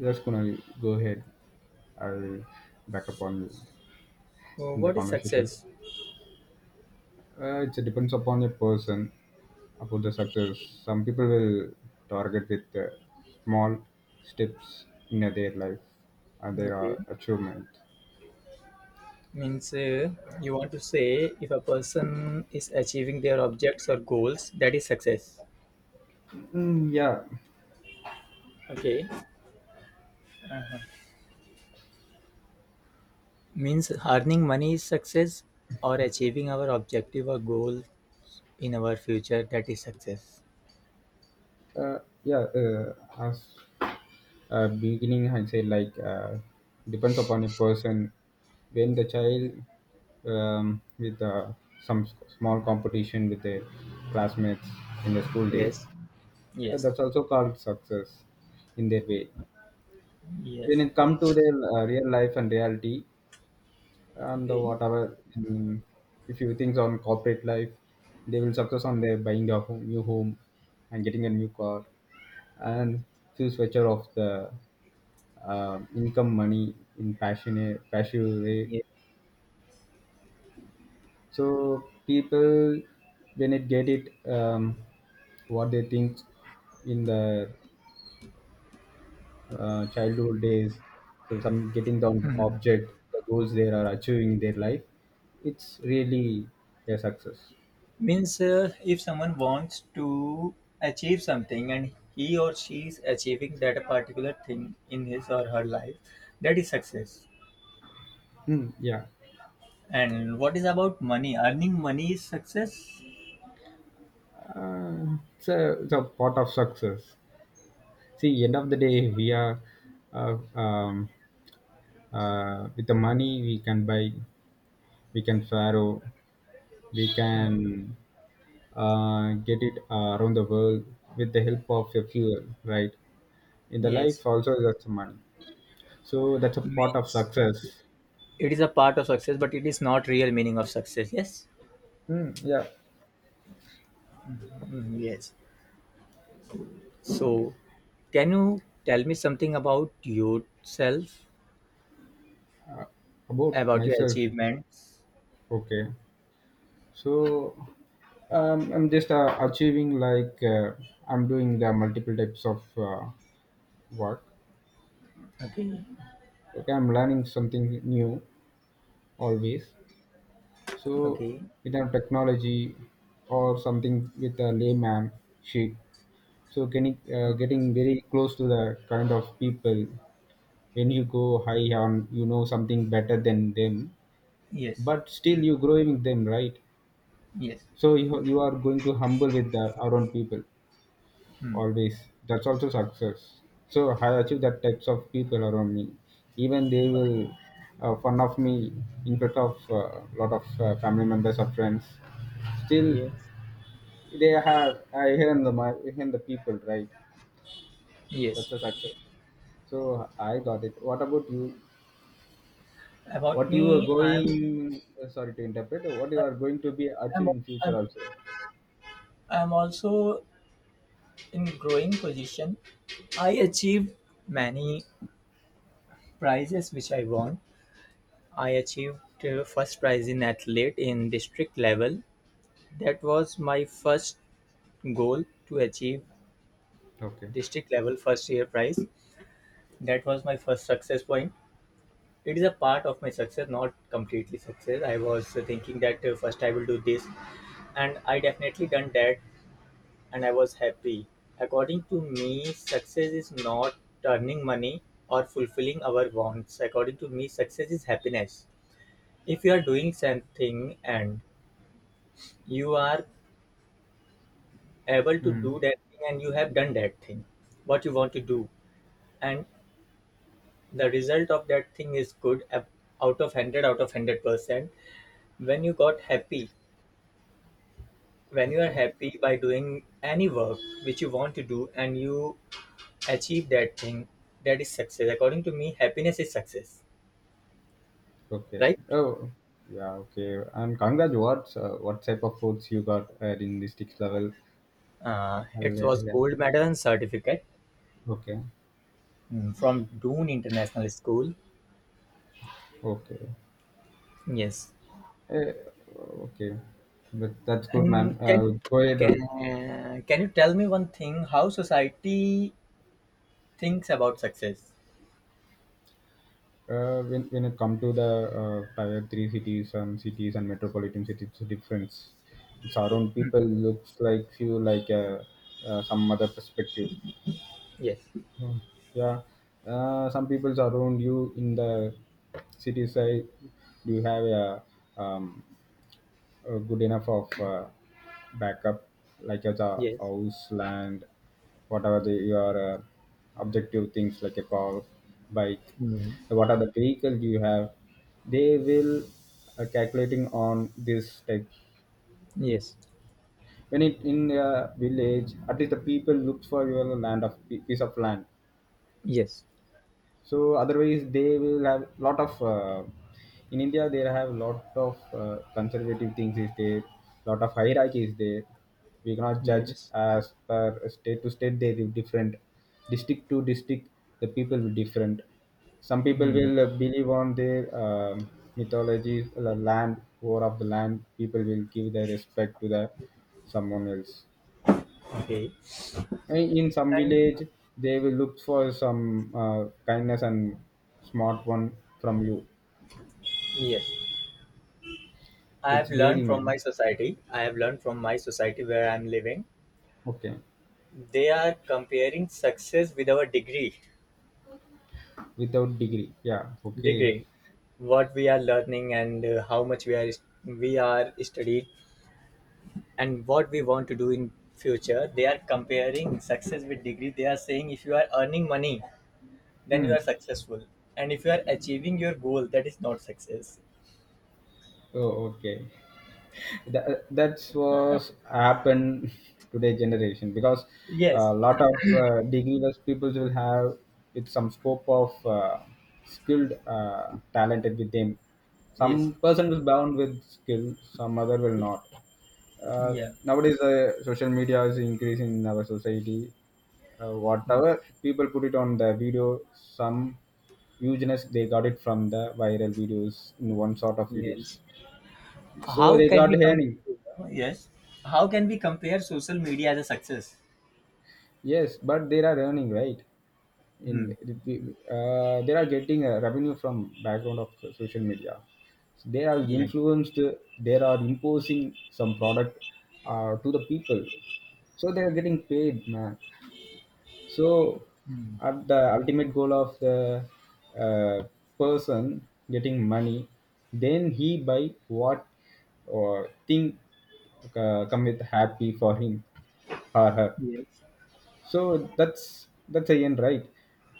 Just gonna go ahead. I'll back upon you in the What is conversation. success? It depends upon your person about the success. Some people will target with small steps in their life and Okay, their achievement. means you want to say if a person is achieving their objects or goals, that is success. Mm, yeah, Okay, means earning money is success or achieving our objective or goal in our future, that is success. Yeah. As beginning I say like depends upon a person when the child, with some small competition with their classmates in the school days. Yes, yes, That's also called success in their way when yes. it come to their real life and reality, and the Okay, whatever. If you think on corporate life, they will success on their buying a home, new home, and getting a new car, and few switcher of the income money in passionate passive way. yeah. So people when it get it, what they think in the childhood days, so some getting the object the goals they are achieving in their life, it's really a success. Means if someone wants to achieve something and he or she is achieving that particular thing in his or her life, that is success. Hmm, yeah. And what is about money? Earning money is success. uh, it's, it's a part of success. See, end of the day we are, uh, um, with the money we can buy, we can sorrow, we can get it around the world with the help of a fuel, right? In the life Yes. also, that's money. So that's a part of Means success. it is a part of success, but it is not real meaning of success. Yes. Hmm. Yeah. Mm, yes. So, can you tell me something about yourself, About about your myself. achievements? Okay, so I'm just achieving like I'm doing the multiple types of work. Okay. Okay, I'm learning something new always, so Okay. with our technology or something with a layman sheet. So getting getting Okay. very close to the kind of people. When you go high on, you know, something better than them, Yes. but still you growing with them, right? Yes. So you are going to humble with the our own people Hmm. always. That's also success. So I achieve that types of people around me. Even they will fun of me in front of a lot of family members or friends. Still Yes. they have, I hear the, my hear the people, right? That's a Yes. success. So I got it. What about you? About What you are me, going? Sorry to interpret. What you are going to be I'm, achieve in future I'm, also? I'm also in growing position. I achieved many prizes which I won. I achieved first prize in athlete in district level. That was my first goal to achieve Okay. district level first year prize. That was my first success point. It is a part of my success, not completely success. I was thinking that first I will do this, and I definitely done that, and I was happy. According to me, success is not earning money or fulfilling our wants. According to me, success is happiness if you are doing something and you are able to Hmm. do that thing and you have done that thing what you want to do and the result of that thing is good out of 100 out of 100% when you got happy, when you are Okay. happy by doing any work which you want to do and you achieve that thing, that is success. According to me, happiness is success. Okay. Right. Oh, yeah. Okay. And congrats. What, what type of foods you got at in district level? It Hello, was hello. gold medal and certificate. Okay. Mm, from Doon International School. Okay. Yes. Eh, okay. That, that's good, And man. can Go ahead. can can you tell me one thing? How society thinks about success? When it come to the uh, tier 3 cities and cities and metropolitan cities, it's difference. It's our own people looks like few like, some other perspective. Yes, Yeah, some people around you in the city side. Do you have a, um, good enough of backup, like as a yes, house, land, whatever the, your objective things like a car, bike, hmm. what are the vehicles you have, they will calculating on this tech. Yes, When it in a village, at least the people look for your land of piece of land. yes, So otherwise they will have lot of in India there have lot of conservative things is there, lot of hierarchy is there. We cannot judge yes, as per state to state they will different, district to district the people will different. Some people hmm. will believe on their mythology, the land war of the land people will give their respect to the someone else. Okay. And in some And village, they will look for some kindness and smart one from you. yes, I have It's learned very from my man. society. I have learned from my society where I'm living. Okay. They are comparing success with our degree, Without degree. Yeah. Okay. degree. What we are learning, and how much we are studied and what we want to do in future, they are comparing success with degree. They are saying if you are earning money, then you Hmm. are successful. And if you are achieving your goal, that is not success. Oh, okay. That, that's was happen today generation, because Yes. a lot of degree people will have with some scope of skilled talented with them. Yes. Some person will bound with skill, some other will not. uh, Yeah. Nowadays, the social media is increasing in our society. Mm. Whatever people put it on the video, some hugeness they got it from the viral videos in one sort of videos. Yes. So How they can got we come? earning. Yes. How can we compare social media as a success? Yes, but they are earning, right? Hmm. In, they are getting a revenue from background of social media. So they are Yeah. influenced. They are imposing some product to the people, so they are getting paid, man. So Hmm. at the ultimate goal of the uh, person getting money, then he buy what or thing come with happy for him or her. yes So that's the end, right?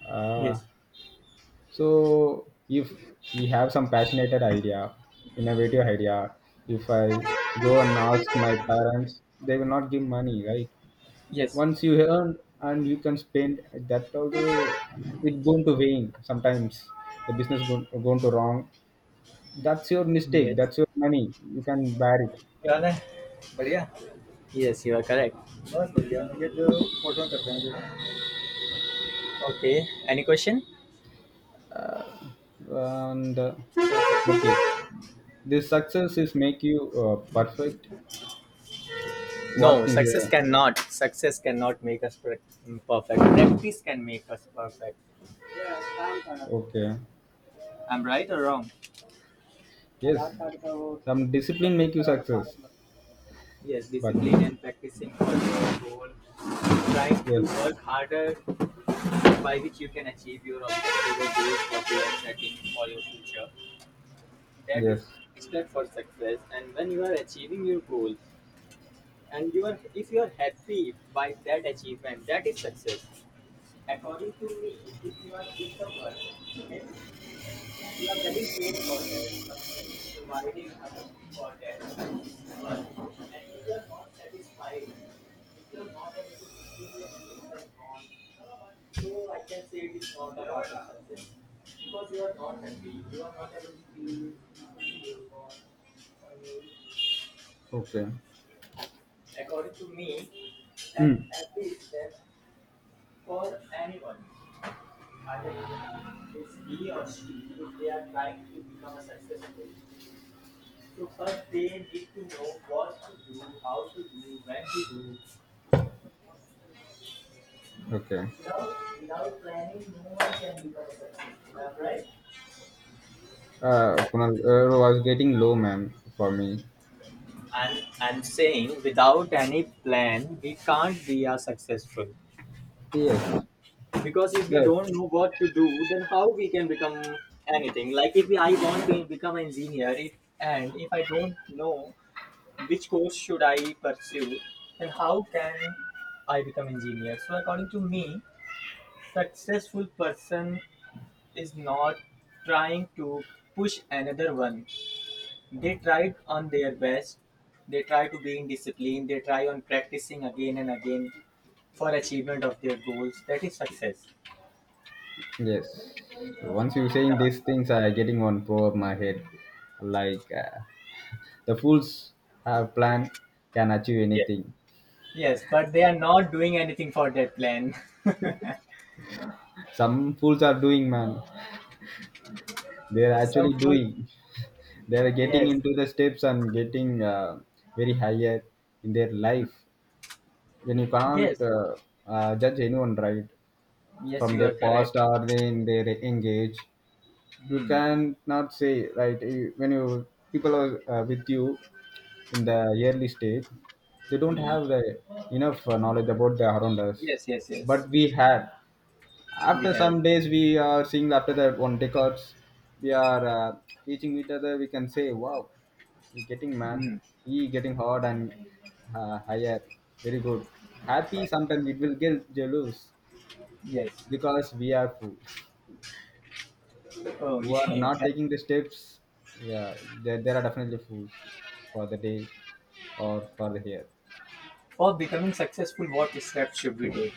uh, yes so if we have some passionate idea, innovative idea, if I go and ask my parents they will not give money, right? yes Once you earn and you can spend. That also, it going to wane sometimes. The business going to wrong, that's your mistake, yes that's your money, you can bear it. क्या हाल है? बढ़िया. Yes, you are correct. बस बढ़िया ये जो photo करते हैं. Okay. Any question? And okay, this success is make you perfect, what No. things Success cannot. Success cannot make us perfect. Practice can make us perfect. Okay. I'm right or wrong? Yes. Some discipline make you success. Yes. But Discipline and practicing for your goal. Trying to yes. work harder by which you can achieve your objective or goals what you are setting for your future. That is Yes. step for success. And when you are achieving your goal and you are, if you are happy by that achievement, that is success. According to me, if you are doing the work, okay, and you are getting paid for that, company is providing money for that work, and if you are not satisfied, if you are not able to fulfill your needs and wants, so I can say it is not about the success. Because you are not happy, you are not able to feel fulfill your wants. Or your— Okay. according to me, that Mm. happy is step for anyone. I think it's he or she, if they are trying to become a successful, so first they need to know what to do, how to do, when to do. Okay. Without, without planning, no one can become a successful. Am I right? Kunal, was getting low, man, for me. And I'm saying without any plan, we can't be a successful. Yes. Because if we The. don't know what to do, then how we can become anything? Like if I want to become an engineer, it, and if I don't know which course should I pursue and how can I become engineer? So according to me, successful person is not trying to push another one. They tried on their best. They try to be in discipline. They try on practicing again and again for achievement of their goals. That is success. Yes. Once you saying these things, I getting on pro of my head. Like the fools have plan can achieve Yes. anything. Yes, but they are not doing anything for that plan. Some fools are doing, man. They are Some actually fool. doing. They are getting Yes, into the steps and getting very higher in their life. When you yes, can't judge anyone, right? yes. From You are their past correct. or they in their engage you Hmm. can not say right you-. When you people are with you in the early stage, they don't Hmm. have the enough knowledge about the around us, Yes, yes, yes. but we had. We After have. some days we are seeing, after that one decades we are teaching each other, we can say wow, he getting man, Hmm. he getting hard and higher, very good, happy, sometimes it will get jealous Yes. because we are fool Oh, who are yeah. not taking the steps. Yeah, there are definitely fools for the day or for the year. For becoming successful, what steps should we take?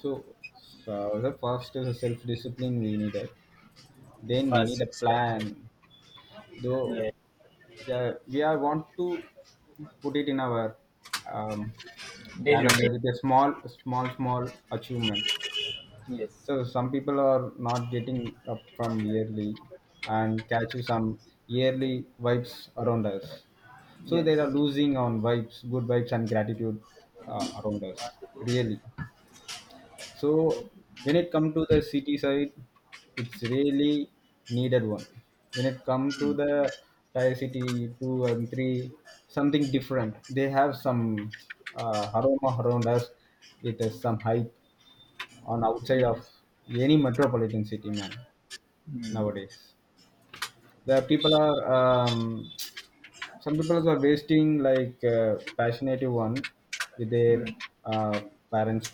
So, so the first is a self discipline we needed. Then we need First a steps. plan. Though, Yeah. the, we are want to put it in our um, Daily routine. calendar with a small achievement. Yes. So some people are not getting up from yearly and catch you some yearly vibes around us, so they Yes. are losing on vibes, good vibes and gratitude around us really. So when it come to the city side, it's really needed one. When it come to the tier city 2 and 3, something different. They have some aroma around us with some hype on outside of Yes. any metropolitan city, man. Hmm. Nowadays, the people are some people are wasting like passionate one with their Hmm. uh, parents'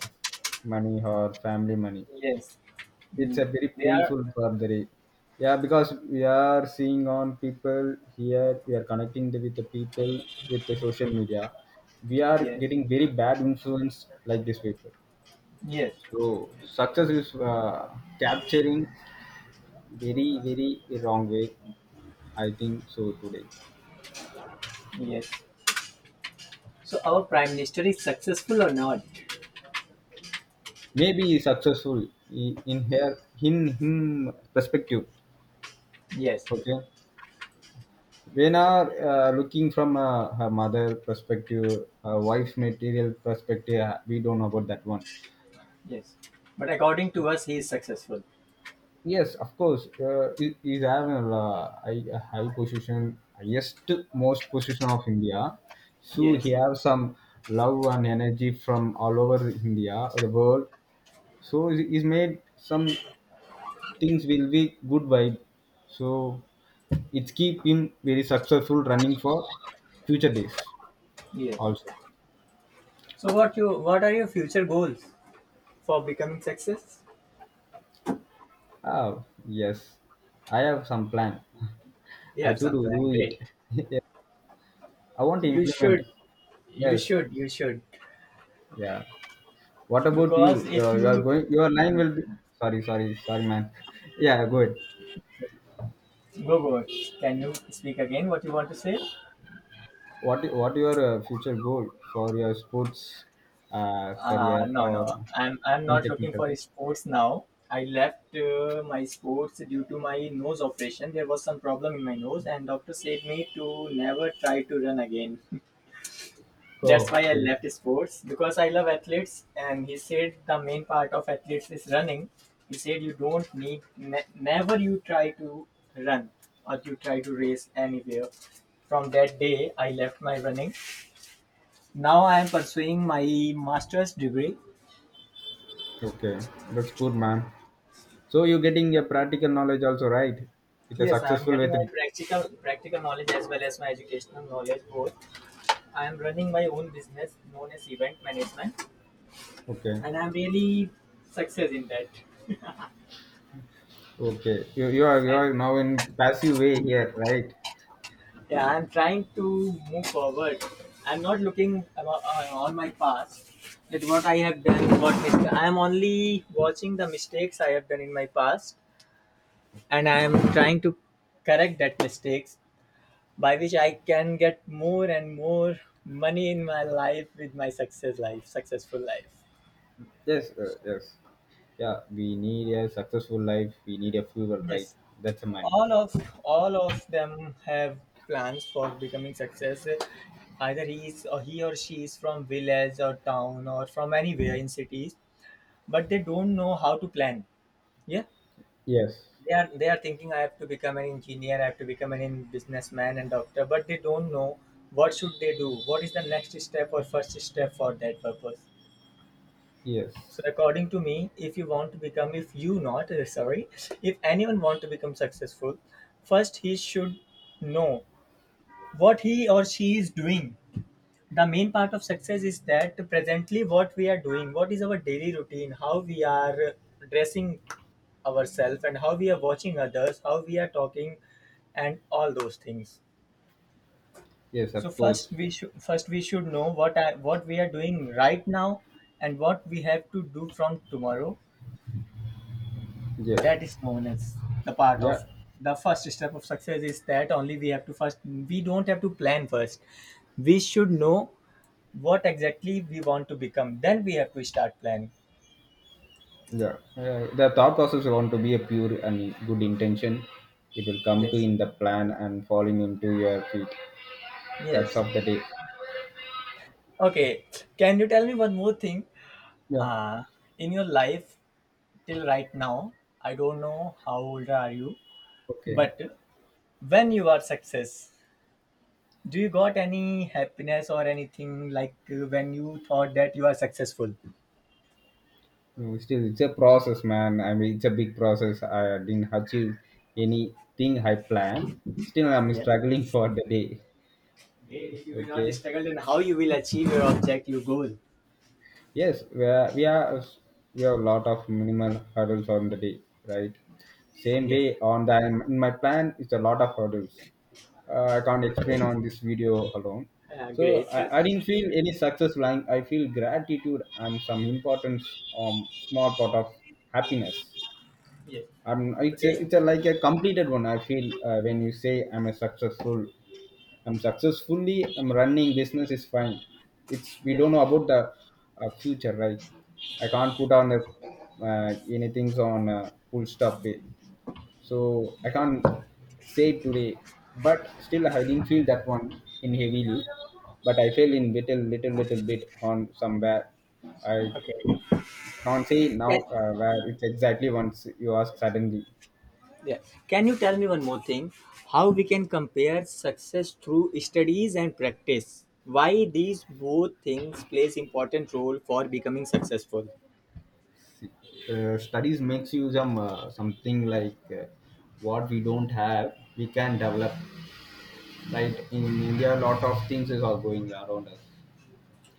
money or family money. Yes. It's Hmm. a very They are. painful burglary. Yeah, because we are seeing on people here, we are connecting the, with the people with the social media. We are Yes. getting very bad influence like this people. Yes. So success is capturing very very wrong way, I think so today. Yes. So our prime minister is successful or not? Maybe he's successful I- in her, in him perspective. Yes. Okay. When are looking from her mother perspective, her wife's material perspective, we don't know about that one. Yes. But according to us, he is successful. Yes, of course, is having a high, a high position, highest most position of India. So he Yes. have some love and energy from all over India, the world. So he's made some things will be good vibe. So it's keep him very successful running for future days Yes. also. So what you? What are your future goals for becoming success? Oh, yes. I have some plan. You I have to some do plan. do it. Great. I want to You implement. should, you Yes. should, you should. Yeah. What about you? Because if You are you going. Your line will be. Sorry, sorry, sorry, man. Yeah, go ahead. go go, can you speak again? What you want to say? What your future goal for your sports Uh, career no, no. or I'm in not looking for technical? sports now. I left my sports due to my nose operation. There was some problem in my nose, and doctor said me to never try to run again. That's Oh, why I okay, left sports because I love athletes. And he said the main part of athletes is running. He said you don't need never you try to run or you try to race anywhere. From that day, I left my running. Now I am pursuing my master's degree. okay. That's good, man. So you're getting a practical knowledge also, right? With a Yes, I am successful getting my with. practical knowledge as well as my educational knowledge both. I am running my own business known as event management, Okay, and I'm really success in that. okay. You you are now in passive way here, right? Yeah, I'm trying to move forward. I'm not looking about, on my past at what I have done, what mistake. I am only watching the mistakes I have done in my past, and I am Okay. trying to correct that mistakes by which I can get more and more money in my life with my success life, successful life. Yes, yes. Yeah, we need a successful life. We need a fuel, right? Yes, That's a money. all of all of them have plans for becoming success, either he is or he or she is from village or town or from anywhere in cities, but they don't know how to plan. Yeah, Yes, they are thinking I have to become an engineer, I have to become an businessman and doctor, but they don't know what should they do, what is the next step or first step for that purpose. yes, So according to me, if you want to become, if you not sorry, if anyone want to become successful, first he should know what he or she is doing. The main part of success is that presently what we are doing, what is our daily routine, how we are dressing ourselves and how we are watching others, how we are talking and all those things. yes, of So course. first we should know what what we are doing right now and what we have to do from tomorrow. Yes, That is known as the part of yeah, the first step of success is that only. We have to first, we don't have to plan first, we should know what exactly we want to become, then we have to start planning. yeah. The thought process want to be a pure and good intention. It will come to Yes. in the plan and falling into your feet. That's Yes. of the day. Okay, can you tell me one more thing? Yeah. uh in your life till right now, I don't know how old are you, Okay. but when you are success, do you got any happiness or anything like when you thought that you are successful? No, still, it's a process, man. I mean, it's a big process. I didn't achieve anything I planned. Still, I'm Yes, struggling for the day. if you will not Okay. struggle, then how you will achieve your object your goal? Yes, we are, we have a lot of minimal hurdles on the day, right? Same Yes. way on the, in my plan is a lot of hurdles. I can't explain Okay. on this video alone. So Great. Yes. I didn't feel any success. Lying. I feel gratitude and some importance, small part of happiness. I'm Okay. it's a, like a completed one. I feel when you say I'm a successful. I'm successfully I'm running business is fine. It's we Yes. don't know about the future, right? I can't put on a, anything's on a full stop way. So I can't Yes. say it today, but still I didn't feel that one in heavily, but I feel in little bit on somewhere. I Okay. can't say now where it's exactly once you ask suddenly. Yeah. Can you tell me one more thing? How we can compare success through studies and practice? Why these both things plays important role for becoming successful? Studies makes you some something like what we don't have we can develop, right? In India a lot of things is all going around us.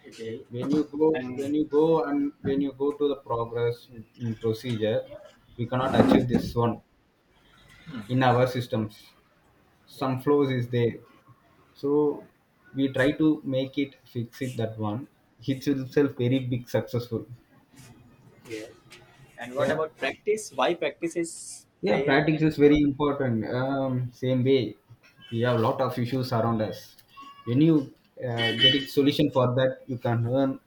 Okay. When you go, when And you go and when you go to the progress in procedure, we cannot achieve this one in our systems, some flows is there. So we try to make it fix it that one, it's itself very big successful. yeah. And what Yeah. about practice? Why practice is Yeah, plays practice plays is very important? important. Same way, we have a lot of issues around us. When you get it solution for that, you can earn,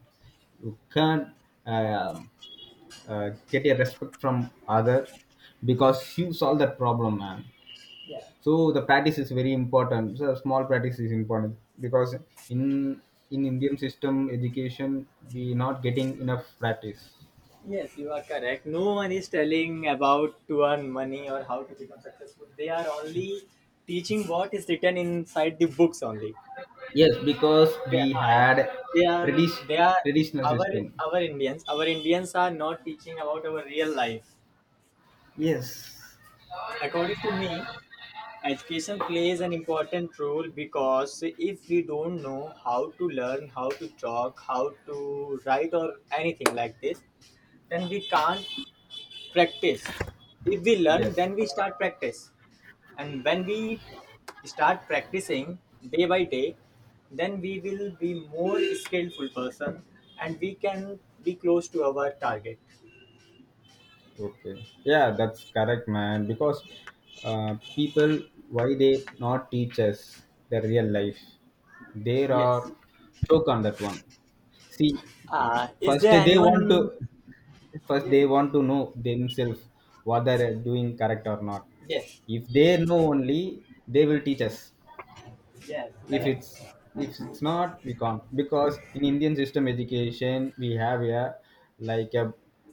you can um, get a respect from other because you solve that problem, man. Yeah. So the practice is very important. So small practice is important because in in Indian system education, we not getting enough practice. Yes, you are correct. No one is telling about to earn money or how to become successful. They are only teaching what is written inside the books only. Yes, because we Yeah. had they are tradi- they are traditional our system. our Indians. Our Indians are not teaching about our real life. Yes. According to me, education plays an important role because if we don't know how to learn, how to talk, how to write or anything like this, then we can't practice. If we learn, Yes. then we start practice. And when we start practicing day by day, then we will be more skillful person, and we can be close to our target. Okay. Yeah, that's correct, man. Because people, why they not teach us the real life? They are Yes. choke on that one. See, Is first there they want to, anyone? first Yes, they want to know themselves whether they're doing correct or not. yes. If they know only, they will teach us. Yes, If it's, correct. if it's not we can't because in Indian system education we have a like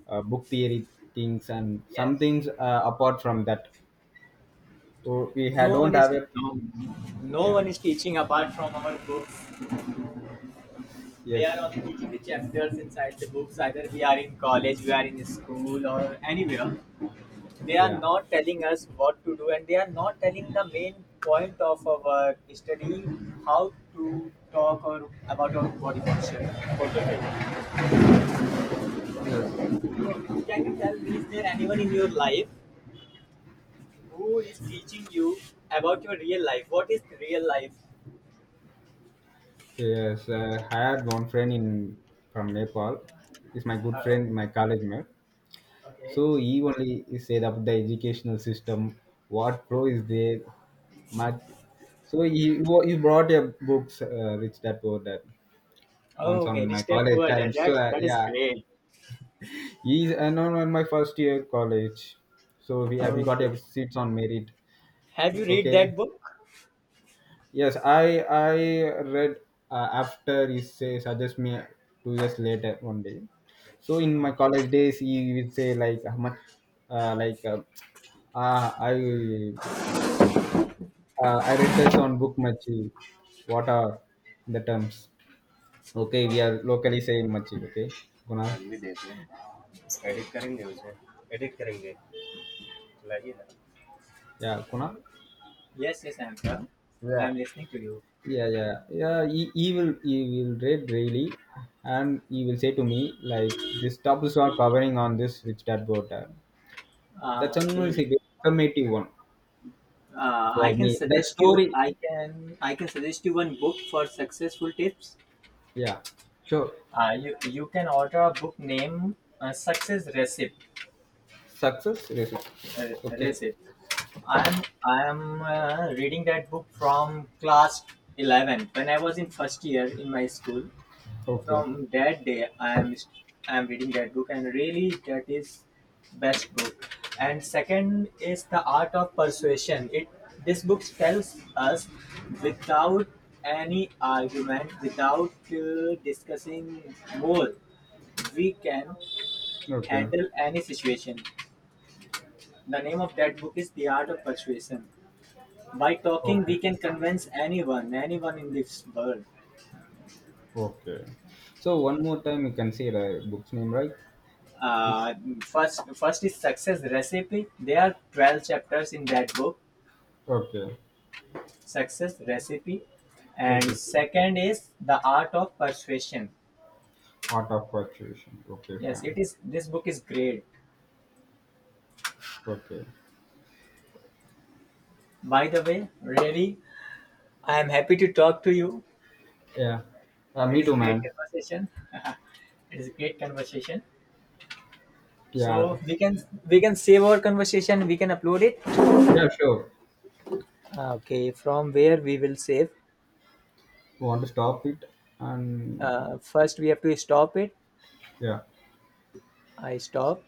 a book theory things and some Yes. things apart from that. Oh, we no don't one is have a. no, no Yeah. one is teaching apart from our books. They are Yes. only teaching the chapters inside the books, either we are in college, we are in school or anywhere. They are Yeah. not telling us what to do, and they are not telling the main point of our study, how to talk or about our body function. Okay. Yes. Can you tell me, is there anyone in your life who is teaching you about your real life? What is real life? Yes. I had one friend in from Nepal, he's my good Oh. friend, my college mate. So Okay. he only said about the educational system, what flow is there, much. So he brought a books, Rich Dad Poor Dad, once Oh, on okay. my Rich Dad college Poor Dad. time. So, That that is yeah, great. he's and on my first year college. So we got Okay. a seats on merit. Have you read that Okay, book? yes, I read after he say suggest me 2 years later one day. So in my Ah. college days, he would say like how much, like ah, I. I read this on book Machi. What are the terms? Okay, Yeah. we are locally saying Machi. Okay, Kunal. Yeah, Kunal. Yes, yes, I'm Yeah. I'm listening to you. Yeah, yeah, yeah. He will read really, and he will say to me like this topic's are covering on this Rich Dad Poor Dad. Ah. That's another Okay. very informative one I for can me. That suggest you. story. I can. I can suggest you one book for successful tips. Yeah, sure. You can order a book named Success Recipe. Success result. Uh, Okay, Recipe. I am reading that book from class 11 when I was in first year in my school. okay, From that day, I am reading that book, and really, that is best book. And second is The Art of Persuasion. It this book tells us without any argument, without discussing more, we can okay, handle any situation. The name of that book is The Art of Persuasion. By talking, okay. we can convince anyone, anyone in this world. Okay. So one more time you can say the book's name, right? Please. uh, first is Success Recipe. There are 12 chapters in that book. Okay. Success Recipe. And Yes, it is. second is The Art of Persuasion. Art of Persuasion. Okay, Yes, it fam. is. This book is great, Okay. by the way. Really, I am happy to talk to you. Yeah. It Me is a too, great man. conversation. It is a great conversation. Yeah. So we can save our conversation. We can upload it. Yeah, sure. Okay, from where we will save? You want to stop it? And First we have to stop it. yeah. I stop.